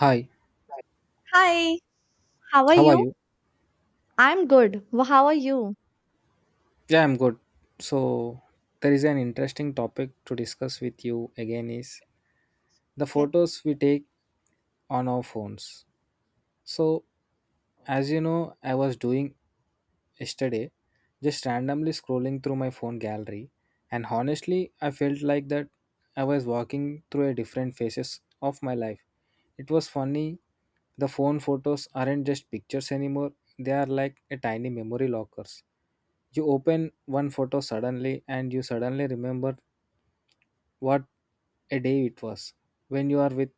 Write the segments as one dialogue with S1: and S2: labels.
S1: Hi,
S2: Hi, how are
S1: how are
S2: you?
S1: you?
S2: I'm good. How are you?
S1: Yeah, I'm good. So, there is an interesting topic to discuss with you again is the
S2: Okay.
S1: photos we take on our phones. So, as you know, I was doing yesterday just randomly scrolling through my phone gallery and honestly, I felt like that I was walking through a different phases of my life. It was funny. The phone photos aren't just pictures anymore. They are like a tiny memory lockers. You open one photo suddenly and you suddenly remember what a day it was, when you are with,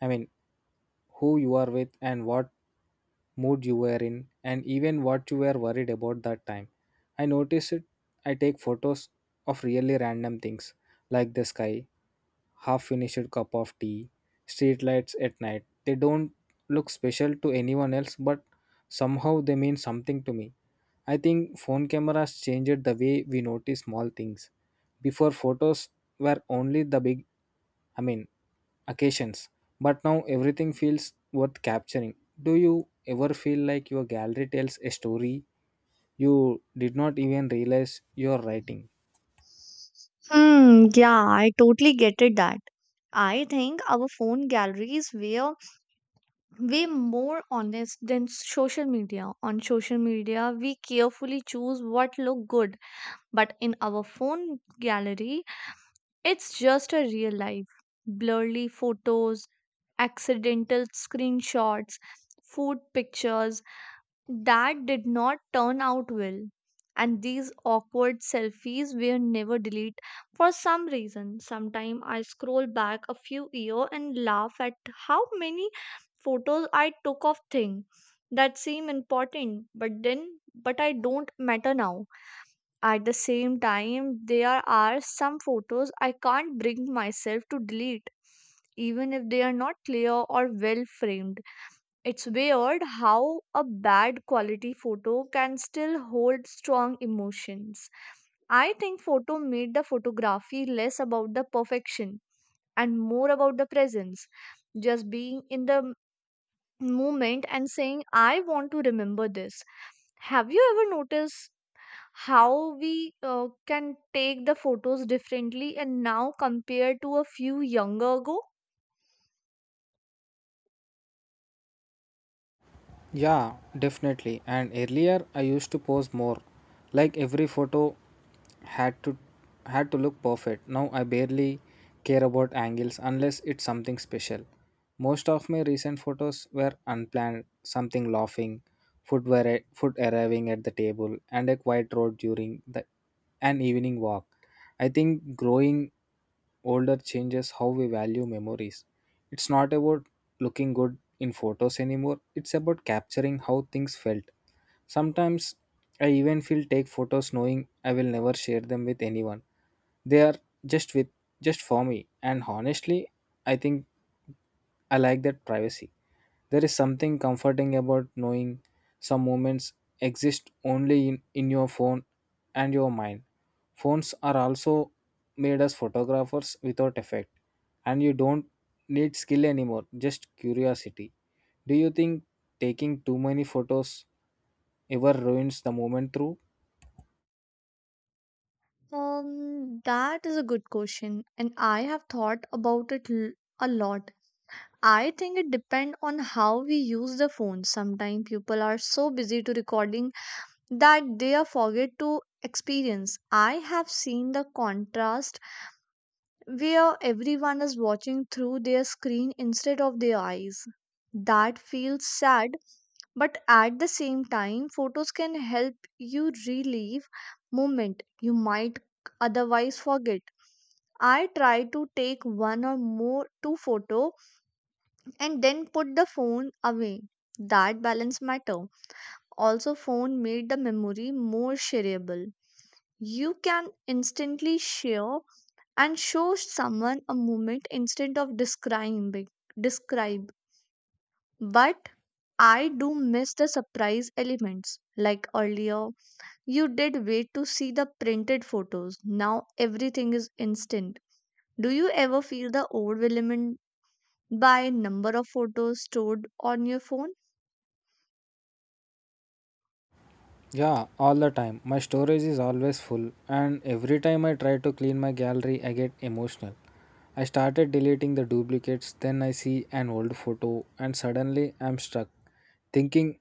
S1: I mean, who you are with and what mood you were in, and even what you were worried about that time. I notice it, I take photos of really random things like the sky, half finished cup of tea, streetlights at night. They don't look special to anyone else, but somehow they mean something to me. I think phone cameras changed the way we notice small things. Before photos were only the big I mean occasions, but now everything feels worth capturing. Do you ever feel like your gallery tells a story you did not even realize you're writing?
S2: Hmm, yeah, I totally get it that. I think our phone galleries were way more honest than social media. On social media, we carefully choose what look good, but in our phone gallery, it's just a real life. Blurry photos, accidental screenshots, food pictures, that did not turn out well. And these awkward selfies were never deleted for some reason. Sometimes I scroll back a few years and laugh at how many photos I took of things that seem important, but then but I don't matter now. At the same time, there are some photos I can't bring myself to delete, even if they are not clear or well framed. It's weird how a bad quality photo can still hold strong emotions. I think photo made the photography less about the perfection and more about the presence. Just being in the moment and saying, I want to remember this. Have you ever noticed how we can take the photos differently and now compared to a few younger ago?
S1: Yeah, definitely. And earlier I used to pose more. Like every photo had to had to look perfect. Now I barely care about angles unless it's something special. Most of my recent photos were unplanned, something laughing, foot arriving at the table and a quiet road during the an evening walk. I think growing older changes how we value memories. It's not about looking good in photos anymore, it's about capturing how things felt. Sometimes I even feel take photos knowing I will never share them with anyone. They are just with just for me and honestly I think I like that privacy. There is something comforting about knowing some moments exist only in your phone and your mind. Phones are also made as photographers without effect, and you don't need skill anymore, just curiosity. Do you think taking too many photos ever ruins the moment through?
S2: That is a good question, and I have thought about it a lot. I think it depends on how we use the phone. Sometimes people are so busy to recording that they are forget to experience. I have seen the contrast where everyone is watching through their screen instead of their eyes. That feels sad, but at the same time, photos can help you relive moment you might otherwise forget. I try to take one or more two photo and then put the phone away. That balance matter. Also, phone made the memory more shareable. You can instantly share and show someone a moment instead of describing describe. But I do miss the surprise elements. Like earlier, you did wait to see the printed photos. Now everything is instant. Do you ever feel the overwhelmed by number of photos stored on your phone?
S1: Yeah, all the time. My storage is always full, and every time I try to clean my gallery, I get emotional. I started deleting the duplicates, then I see an old photo, and suddenly I'm struck, thinking,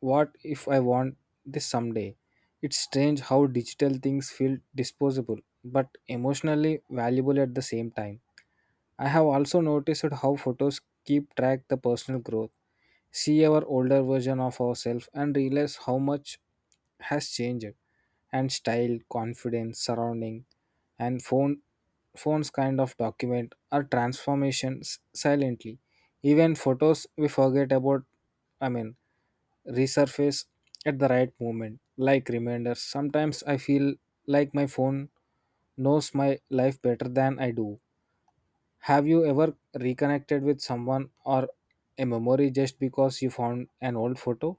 S1: what if I want this someday? It's strange how digital things feel disposable, but emotionally valuable at the same time. I have also noticed how photos keep track the personal growth, see our older version of ourselves and realize how much has changed and style, confidence, surrounding and phones kind of document are transformations silently. Even photos we forget about I mean resurface at the right moment like reminders. Sometimes I feel like my phone knows my life better than I do. Have you ever reconnected with someone or a memory just because you found an old photo?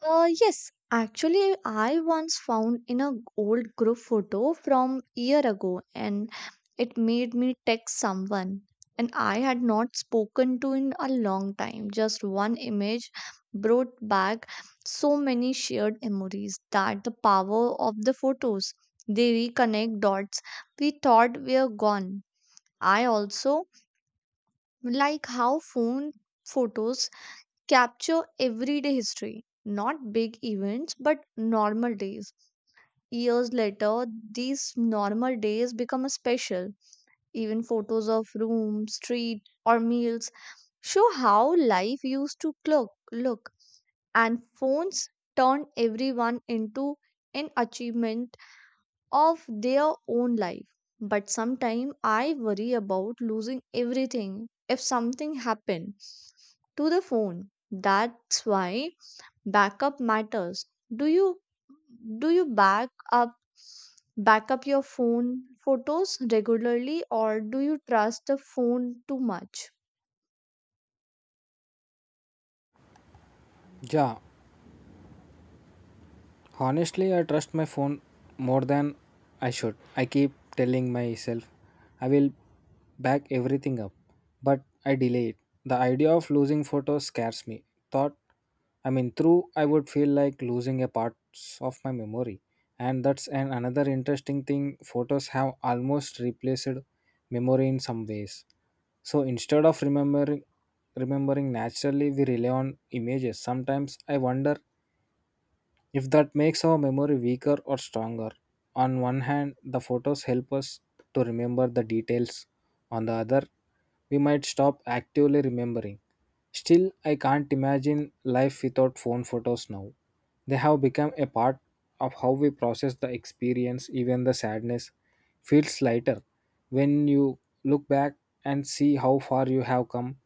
S2: Yes, actually, I once found in a old group photo from year ago, and it made me text someone, and I had not spoken to in a long time. Just one image brought back so many shared memories that the power of the photos, they reconnect dots we thought were gone. I also like how phone photos capture everyday history, not big events, but normal days. Years later, these normal days become a special. Even photos of room, street, or meals show how life used to look, and phones turn everyone into an achievement of their own life. But sometimes I worry about losing everything if something happened to the phone. That's why backup matters. Do you do you back up your phone photos regularly, or do you trust the phone too much?
S1: Yeah. Honestly, I trust my phone more than I should. I keep telling myself I will back everything up, but I delay it. The idea of losing photos scares me. Thought, through I would feel like losing a part of my memory. And that's an another interesting thing. Photos have almost replaced memory in some ways. So instead of remembering naturally, we rely on images. Sometimes I wonder if that makes our memory weaker or stronger. On one hand, the photos help us to remember the details. On the other, we might stop actively remembering. Still, I can't imagine life without phone photos now. They have become a part of how we process the experience, even the sadness feels lighter when you look back and see how far you have come.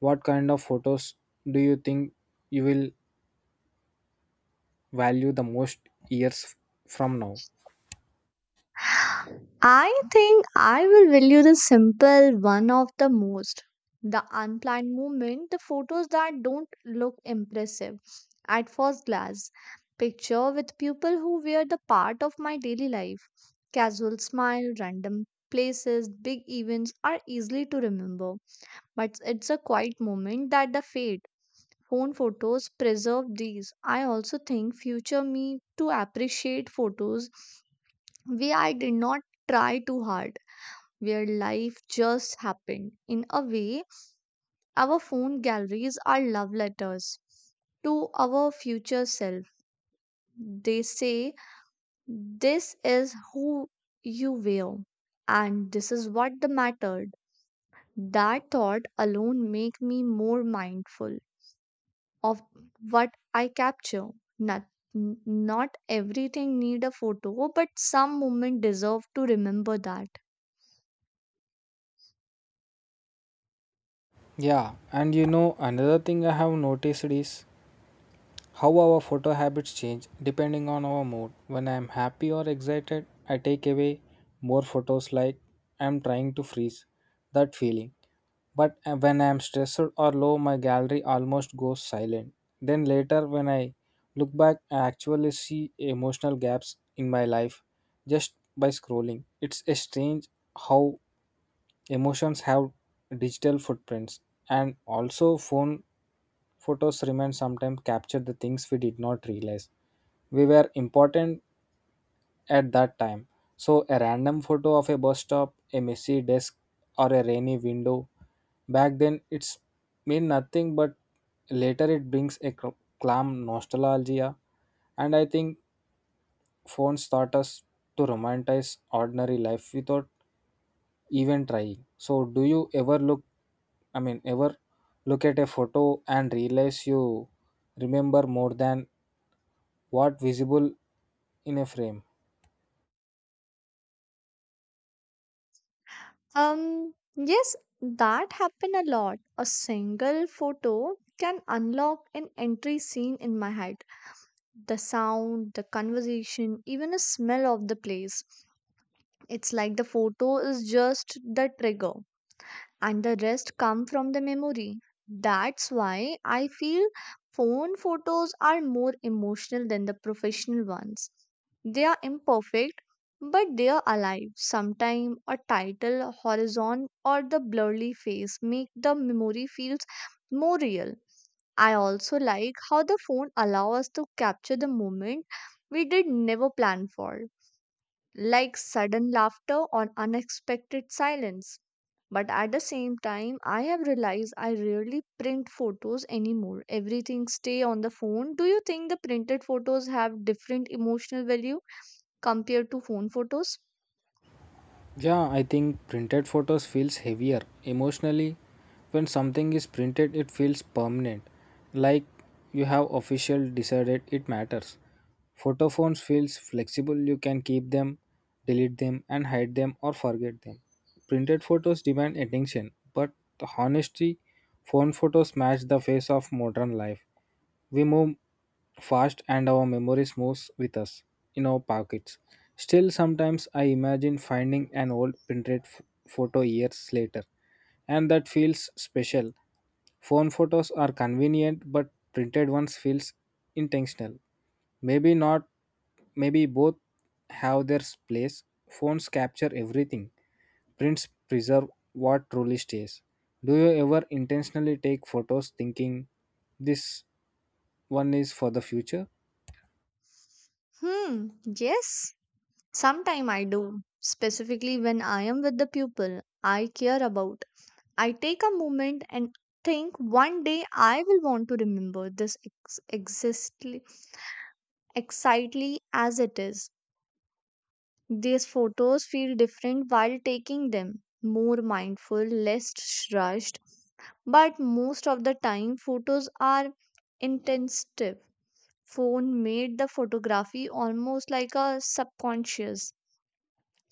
S1: What kind of photos do you think you will value the most years from now?
S2: I think I will value the simple one of the most, the unplanned movement, the photos that don't look impressive at first glance, picture with people who were the part of my daily life, casual smile, random places. Big events are easily to remember, but it's a quiet moment that the fate phone photos preserve these. I also think future me to appreciate photos where I did not try too hard, where life just happened in a way. Our phone galleries are love letters to our future self. They say this is who you were, and this is what the mattered. That thought alone make me more mindful of what I capture. Not, not everything need a photo, but some moment deserve to remember that.
S1: Yeah, and you know, another thing I have noticed is how our photo habits change depending on our mood. When I am happy or excited, I take away more photos like I am trying to freeze that feeling. But when I am stressed or low, my gallery almost goes silent. Then later, when I look back, I actually see emotional gaps in my life just by scrolling. It's a strange how emotions have digital footprints, and also phone photos remain sometimes capture the things we did not realize. We were important at that time. So, a random photo of a bus stop, a messy desk, or a rainy window back then it's mean nothing, but later it brings a clam nostalgia. And I think phones taught us to romanticize ordinary life without even trying. So, do you ever look ever look at a photo and realize you remember more than what visible in a frame?
S2: Yes, that happen a lot. A single photo can unlock an entry scene in my head. The sound, the conversation, even a smell of the place. It's like the photo is just the trigger, and the rest come from the memory. That's why I feel phone photos are more emotional than the professional ones. They are imperfect, but they are alive. Sometimes a title, horizon, or the blurry face make the memory feels more real. I also like how the phone allows us to capture the moment we did never plan for, like sudden laughter or unexpected silence. But at the same time, I have realized I rarely print photos anymore. Everything stay on the phone. Do you think the printed photos have different emotional value compared to phone photos?
S1: Yeah, I think printed photos feels heavier emotionally. When something is printed, it feels permanent, like you have official decided it matters. Photo phones feels flexible. You can keep them, delete them, and hide them or forget them. Printed photos demand attention, but the honesty phone photos match the face of modern life. We move fast and our memories moves with us in our pockets. Still, sometimes I imagine finding an old printed photo years later, and that feels special. Phone photos are convenient, but printed ones feels intentional. Maybe not. Maybe both have their place. Phones capture everything. Prints preserve what truly stays. Do you ever intentionally take photos thinking this one is for the future?
S2: Hmm, yes. Sometime I do. Specifically when I am with the people I care about. I take a moment and think one day I will want to remember this ex- exist excitedly as it is. These photos feel different while taking them, more mindful, less rushed, but most of the time, photos are intensive. Phone made the photography almost like a subconscious.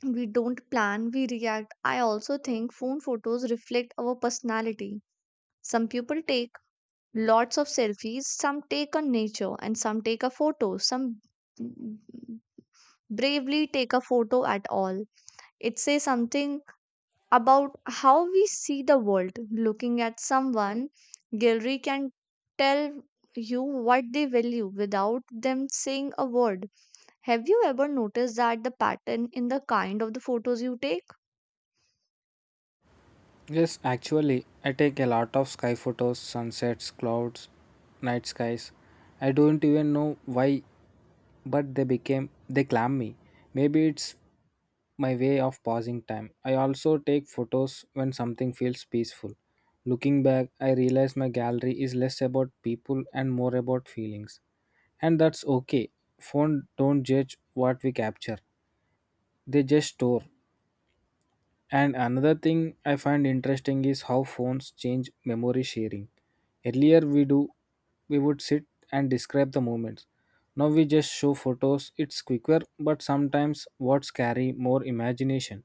S2: We don't plan, we react. I also think phone photos reflect our personality. Some people take lots of selfies, some take on nature, and some take a photo. Some bravely take a photo at all. It says something about how we see the world. Looking at someone, gallery can tell you what they value without them saying a word. Have you ever noticed that the pattern in the kind of the photos you take?
S1: Yes, actually, I take a lot of sky photos, sunsets, clouds, night skies. I don't even know why, but they clam me. Maybe it's my way of passing time. I also take photos when something feels peaceful. Looking back, I realize my gallery is less about people and more about feelings. And that's okay. Phone don't judge what we capture. They just store. And another thing I find interesting is how phones change memory sharing. Earlier we would sit and describe the moments. Now we just show photos. It's quicker, but sometimes words carry more imagination.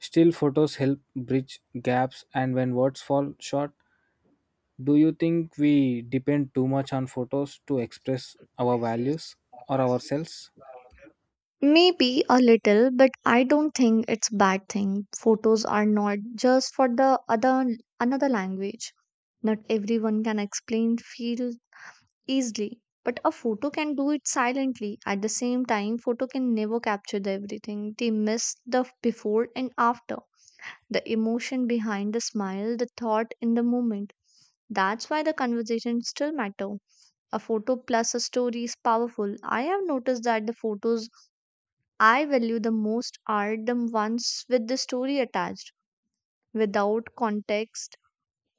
S1: Still photos help bridge gaps and when words fall short, do you think we depend too much on photos to express our values or ourselves?
S2: Maybe a little, but I don't think it's bad thing. Photos are not just for the other another language. Not everyone can explain feel easily, but a photo can do it silently. At the same time, photo can never capture the everything. They miss the before and after, the emotion behind the smile, the thought in the moment. That's why the conversation still matter. A photo plus a story is powerful. I have noticed that the photos I value the most are the ones with the story attached. Without context,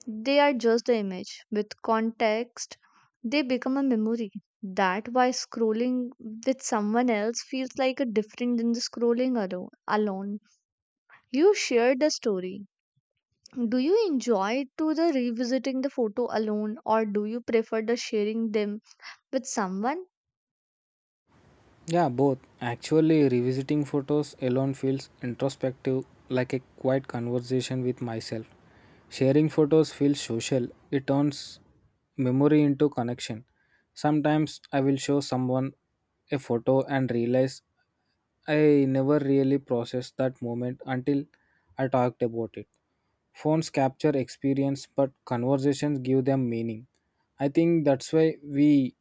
S2: they are just the image. With context, they become a memory. That why scrolling with someone else feels like a different than the scrolling alone. You shared the story. Do you enjoy to the revisiting the photo alone or do you prefer the sharing them with someone?
S1: Yeah, both. Actually, revisiting photos alone feels introspective, like a quiet conversation with myself. Sharing photos feels social, it turns memory into connection. Sometimes I will show someone a photo and realize I never really processed that moment until I talked about it. Phones capture experience, but conversations give them meaning. I think that's why we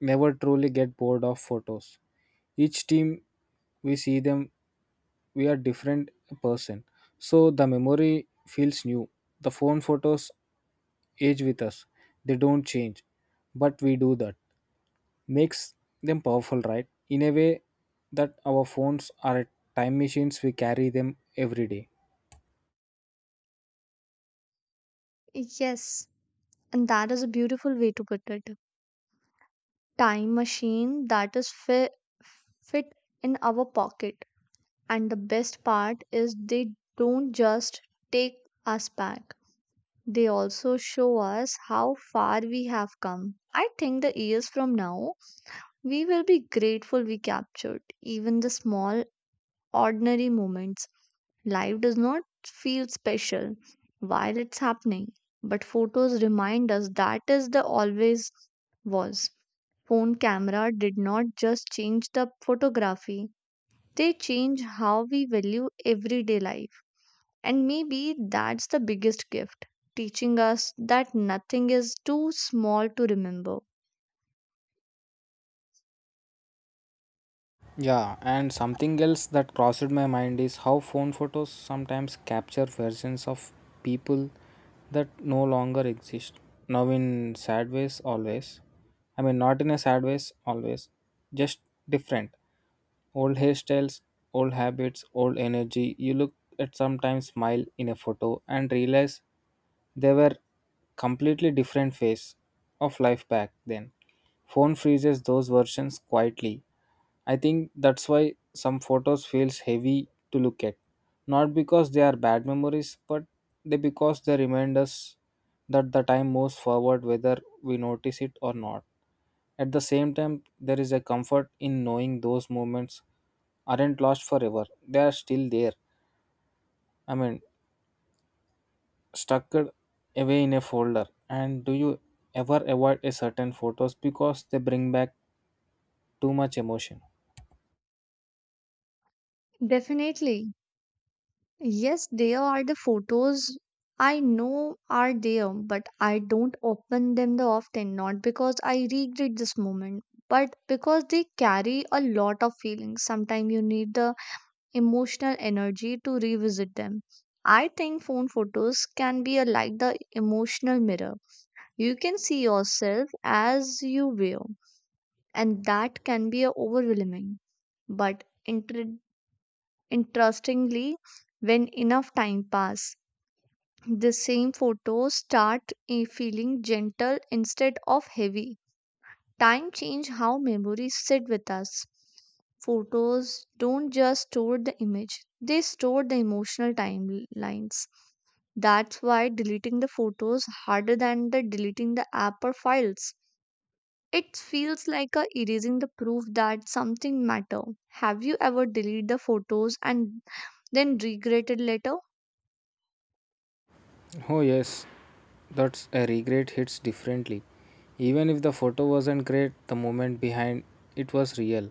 S1: never truly get bored of photos. Each team we see them, we are different person. So the memory feels new. The phone photos age with us. They don't change, but we do that makes them powerful, right? In a way that our phones are time machines, we carry them every day.
S2: Yes, and that is a beautiful way to put it. Time machine that is fit in our pocket. And the best part is they don't just take us back, they also show us how far we have come. I think the years from now, we will be grateful we captured even the small, ordinary moments. Life does not feel special while it's happening, but photos remind us that is the always was. Phone camera did not just change the photography, they change how we value everyday life. And maybe that's the biggest gift, teaching us that nothing is too small to remember.
S1: Yeah, and something else that crossed my mind is how phone photos sometimes capture versions of people that no longer exist. Now, in sad ways, always. I mean, not in a sad ways, always. Just different. Old hairstyles, old habits, old energy. You look at sometimes smile in a photo and realize they were completely different phase of life back then. Phone freezes those versions quietly. I think that's why some photos feels heavy to look at. Not because they are bad memories, but they because they remind us that the time moves forward whether we notice it or not. At the same time, there is a comfort in knowing those moments aren't lost forever. They are still there. I mean, stuck away in a folder. And do you ever avoid a certain photos because they bring back too much emotion?
S2: Definitely. Yes, there are the photos I know are there, but I don't open them the often, not because I regret this moment, but because they carry a lot of feelings. Sometimes you need the emotional energy to revisit them. I think phone photos can be like the emotional mirror. You can see yourself as you were, and that can be a overwhelming. But interestingly, when enough time pass, the same photos start feeling gentle instead of heavy. Time change how memories sit with us. Photos don't just store the image; they store the emotional timelines. That's why deleting the photos harder than the deleting the app or files. It feels like a erasing the proof that something matter. Have you ever deleted the photos and then regretted later?
S1: Oh, yes, that's a regret hits differently. Even if the photo wasn't great, the moment behind it was real.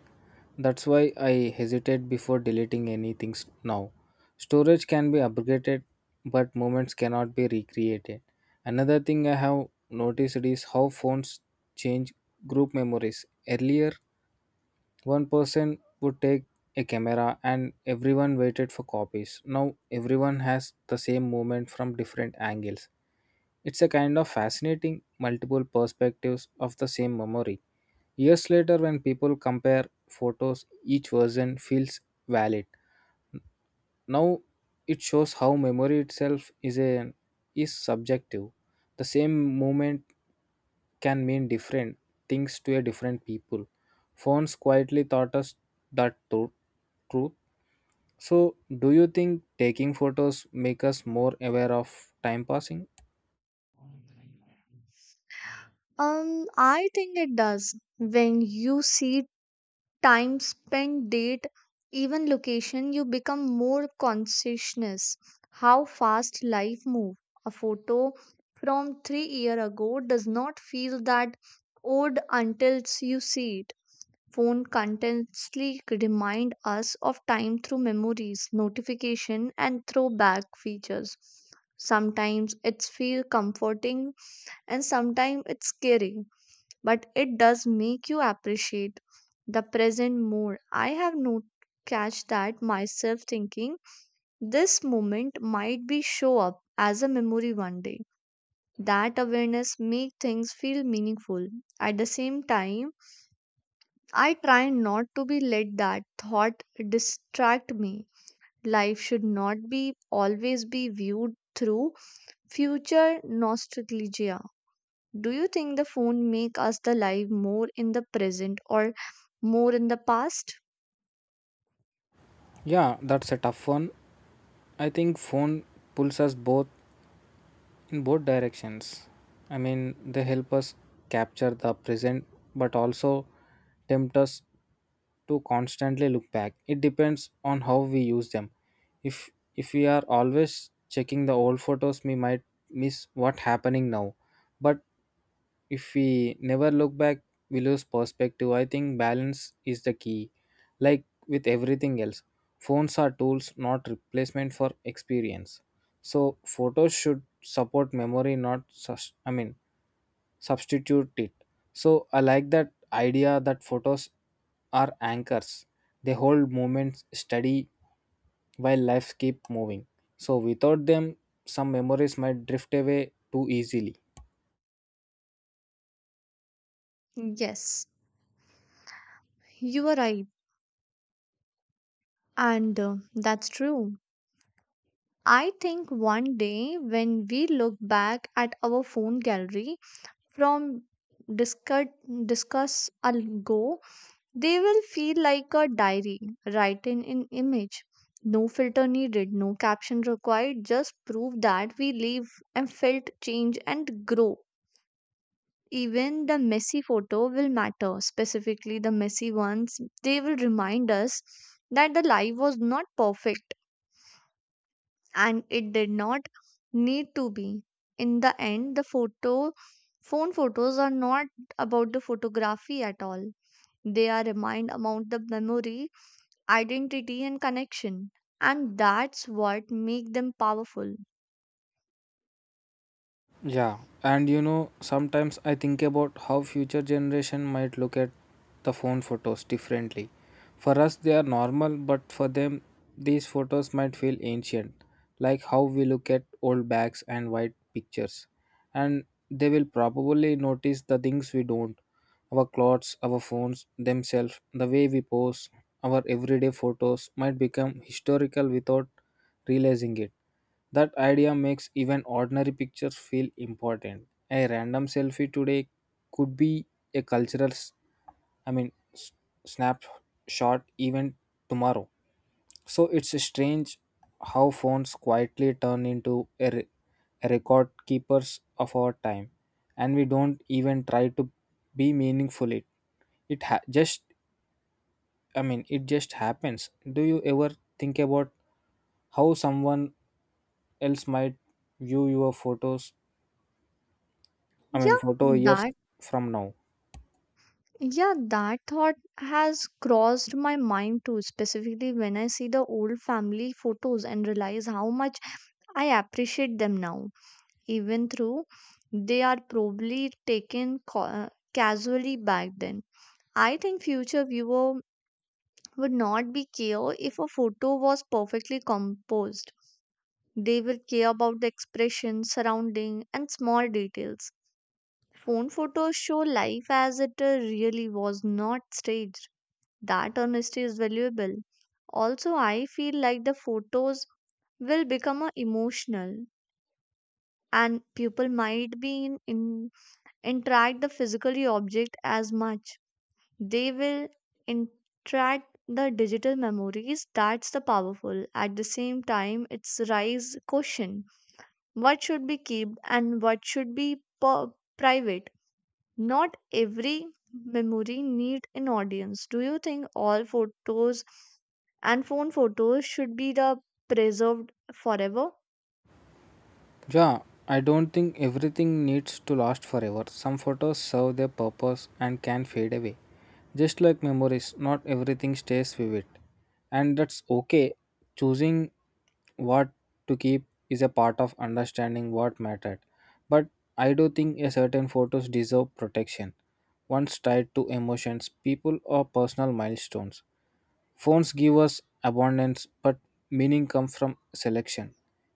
S1: That's why I hesitate before deleting anything now. Storage can be upgraded, but moments cannot be recreated. Another thing I have noticed is how phones change group memories. Earlier, one person would take a camera and everyone waited for copies. Now everyone has the same moment from different angles. It's a kind of fascinating multiple perspectives of the same memory. Years later, when people compare photos, each version feels valid. Now it shows how memory itself is subjective. The same moment can mean different things to a different people. Phones quietly taught us that truth. So, do you think taking photos make us more aware of time passing?
S2: I think it does. When you see time spent, date, even location, you become more conscientious. How fast life move. A photo from 3 year ago does not feel that old until you see it. Phone continuously remind us of time through memories, notification, and throwback features. Sometimes it's feel comforting and sometimes it's scary, but it does make you appreciate the present more. I have not catch that myself thinking this moment might be show up as a memory one day. That awareness make things feel meaningful. At the same time, I try not to be let that thought distract me. Life should not be always be viewed through future nostalgia. Do you think the phone make us the life more in the present or more in the past?
S1: Yeah, that's a tough one. I think phone pulls us both in both directions. I mean, they help us capture the present but also tempt us to constantly look back. It depends on how we use them. If if we are always checking the old photos, we might miss what happening now. But if we never look back, we lose perspective. I think balance is the key, like with everything else. Phones are tools, not replacement for experience, so photos should support memory, not substitute it. So I like that idea that photos are anchors. They hold moments steady while lives keep moving, so without them some memories might drift away too easily.
S2: Yes, you are right. And that's true. I think one day when we look back at our phone gallery from discuss discuss ago, they will feel like a diary, written in image. No filter needed, no caption required, just prove that we live and felt change and grow. Even the messy photo will matter, specifically the messy ones. They will remind us that the life was not perfect and it did not need to be. In the end, the photo phone photos are not about the photography at all. They are remind about the memory, identity, and connection, and that's what make them powerful.
S1: Yeah, and sometimes I think about how future generation might look at the phone photos differently. For us, they are normal, but for them, these photos might feel ancient, like how we look at old bags and white pictures. And they will probably notice the things we don't, our clothes, our phones themselves, the way we pose, our everyday photos might become historical without realizing it. That idea makes even ordinary pictures feel important. A random selfie today could be a cultural, I mean, s- snapshot even tomorrow. So it's strange how phones quietly turn into a record keepers of our time, and we don't even try to be meaningful. It ha- just I mean it just happens. Do you ever think about how someone else might view your photos? I mean
S2: yeah
S1: photo years
S2: that
S1: from now.
S2: yeah that thought has crossed my mind too, specifically when I see the old family photos and realize how much I appreciate them now, even though they are probably taken casually back then. I think future viewer would not be care if a photo was perfectly composed. They will care about the expression, surrounding, and small details. Phone photos show life as it really was not staged. That honesty is valuable. Also, I feel like the photos will become emotional, and people might be in interact the physically object as much. They will interact the digital memories. That's the powerful. At the same time, it's rise caution what should be kept and what should be private. Not every memory need an audience. Do you think all photos and phone photos should be the preserved forever?
S1: Yeah, I don't think everything needs to last forever. Some photos serve their purpose and can fade away. Just like memories, not everything stays vivid. And that's okay. Choosing what to keep is a part of understanding what mattered. But I do think a certain photos deserve protection. Once tied to emotions, people, or personal milestones. Phones give us abundance, but meaning comes from selection.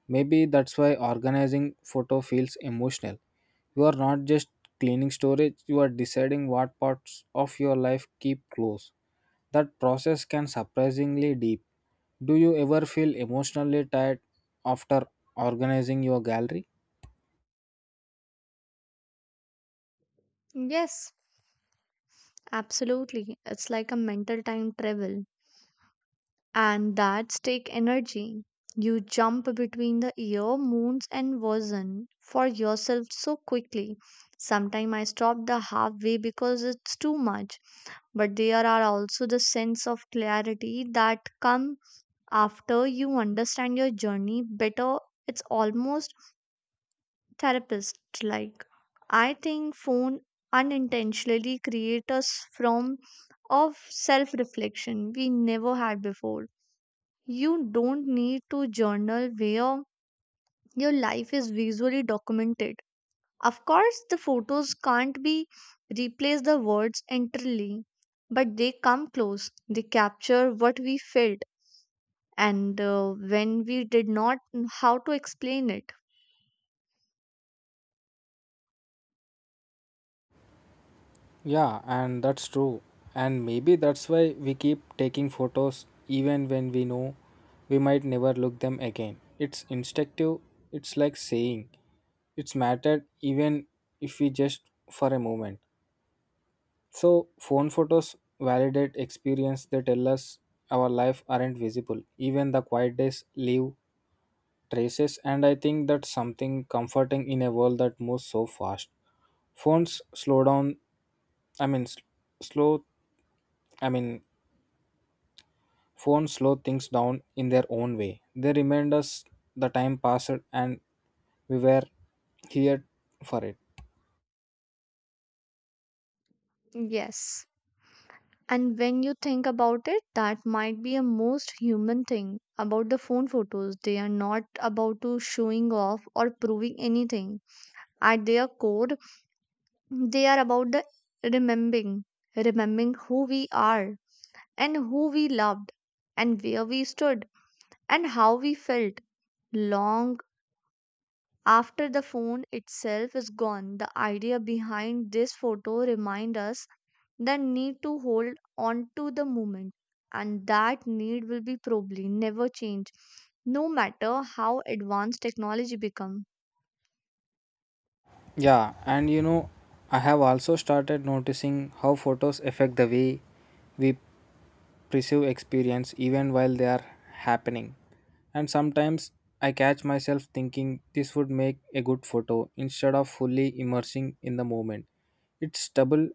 S1: Maybe that's why organizing photo feels emotional. You are not just cleaning storage, you are deciding what parts of your life keep close. That process can surprisingly deep. Do you ever feel emotionally tired after organizing your gallery?
S2: Yes, absolutely. It's like a mental time travel, and that's take energy. You jump between the year moons and version for yourself so quickly. Sometimes I stop the halfway because it's too much, but there are also the sense of clarity that come after you understand your journey better. It's almost therapist like. I think phone unintentionally create us from of self reflection we never had before. You don't need to journal where your life is visually documented. Of course, the photos can't be replace the words entirely, but they come close. They capture what we felt, and when we did not know how to explain it.
S1: Yeah, and that's true. And maybe that's why we keep taking photos even when we know we might never look them again. It's instinctive, it's like saying it's mattered even if we just for a moment. So, phone photos validate experience, they tell us our life aren't visible. Even the quiet days leave traces, and I think that's something comforting in a world that moves so fast. Phones slow down, I mean, s- slow, I mean, Phones slow things down in their own way. They remind us the time passed and we were here for it.
S2: Yes. And when you think about it, that might be a most human thing about the phone photos. They are not about to showing off or proving anything. At their core, they are about the remembering, remembering who we are and who we loved and where we stood and how we felt. Long after the phone itself is gone, the idea behind this photo reminds us the need to hold on to the moment, and that need will be probably never change, no matter how advanced technology becomes.
S1: Yeah, and I have also started noticing how photos affect the way we perceive experience even while they are happening. And sometimes I catch myself thinking this would make a good photo instead of fully immersing in the moment. It's double,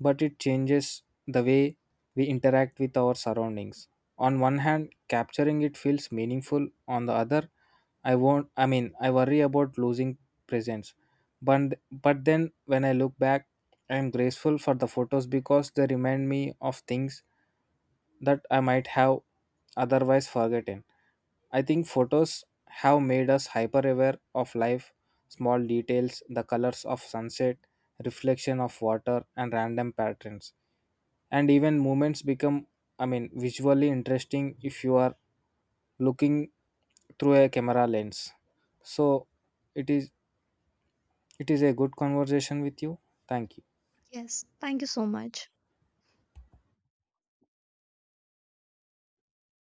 S1: but it changes the way we interact with our surroundings. On one hand, capturing it feels meaningful. On the other, I won't, I mean, I worry about losing presence, but then when I look back, I am grateful for the photos because they remind me of things that I might have otherwise forgotten. I think photos have made us hyper aware of life, small details, the colors of sunset, reflection of water, and random patterns. And even moments become, visually interesting if you are looking through a camera lens. So it is it is a good conversation with you. Thank you.
S2: Yes, thank you so much.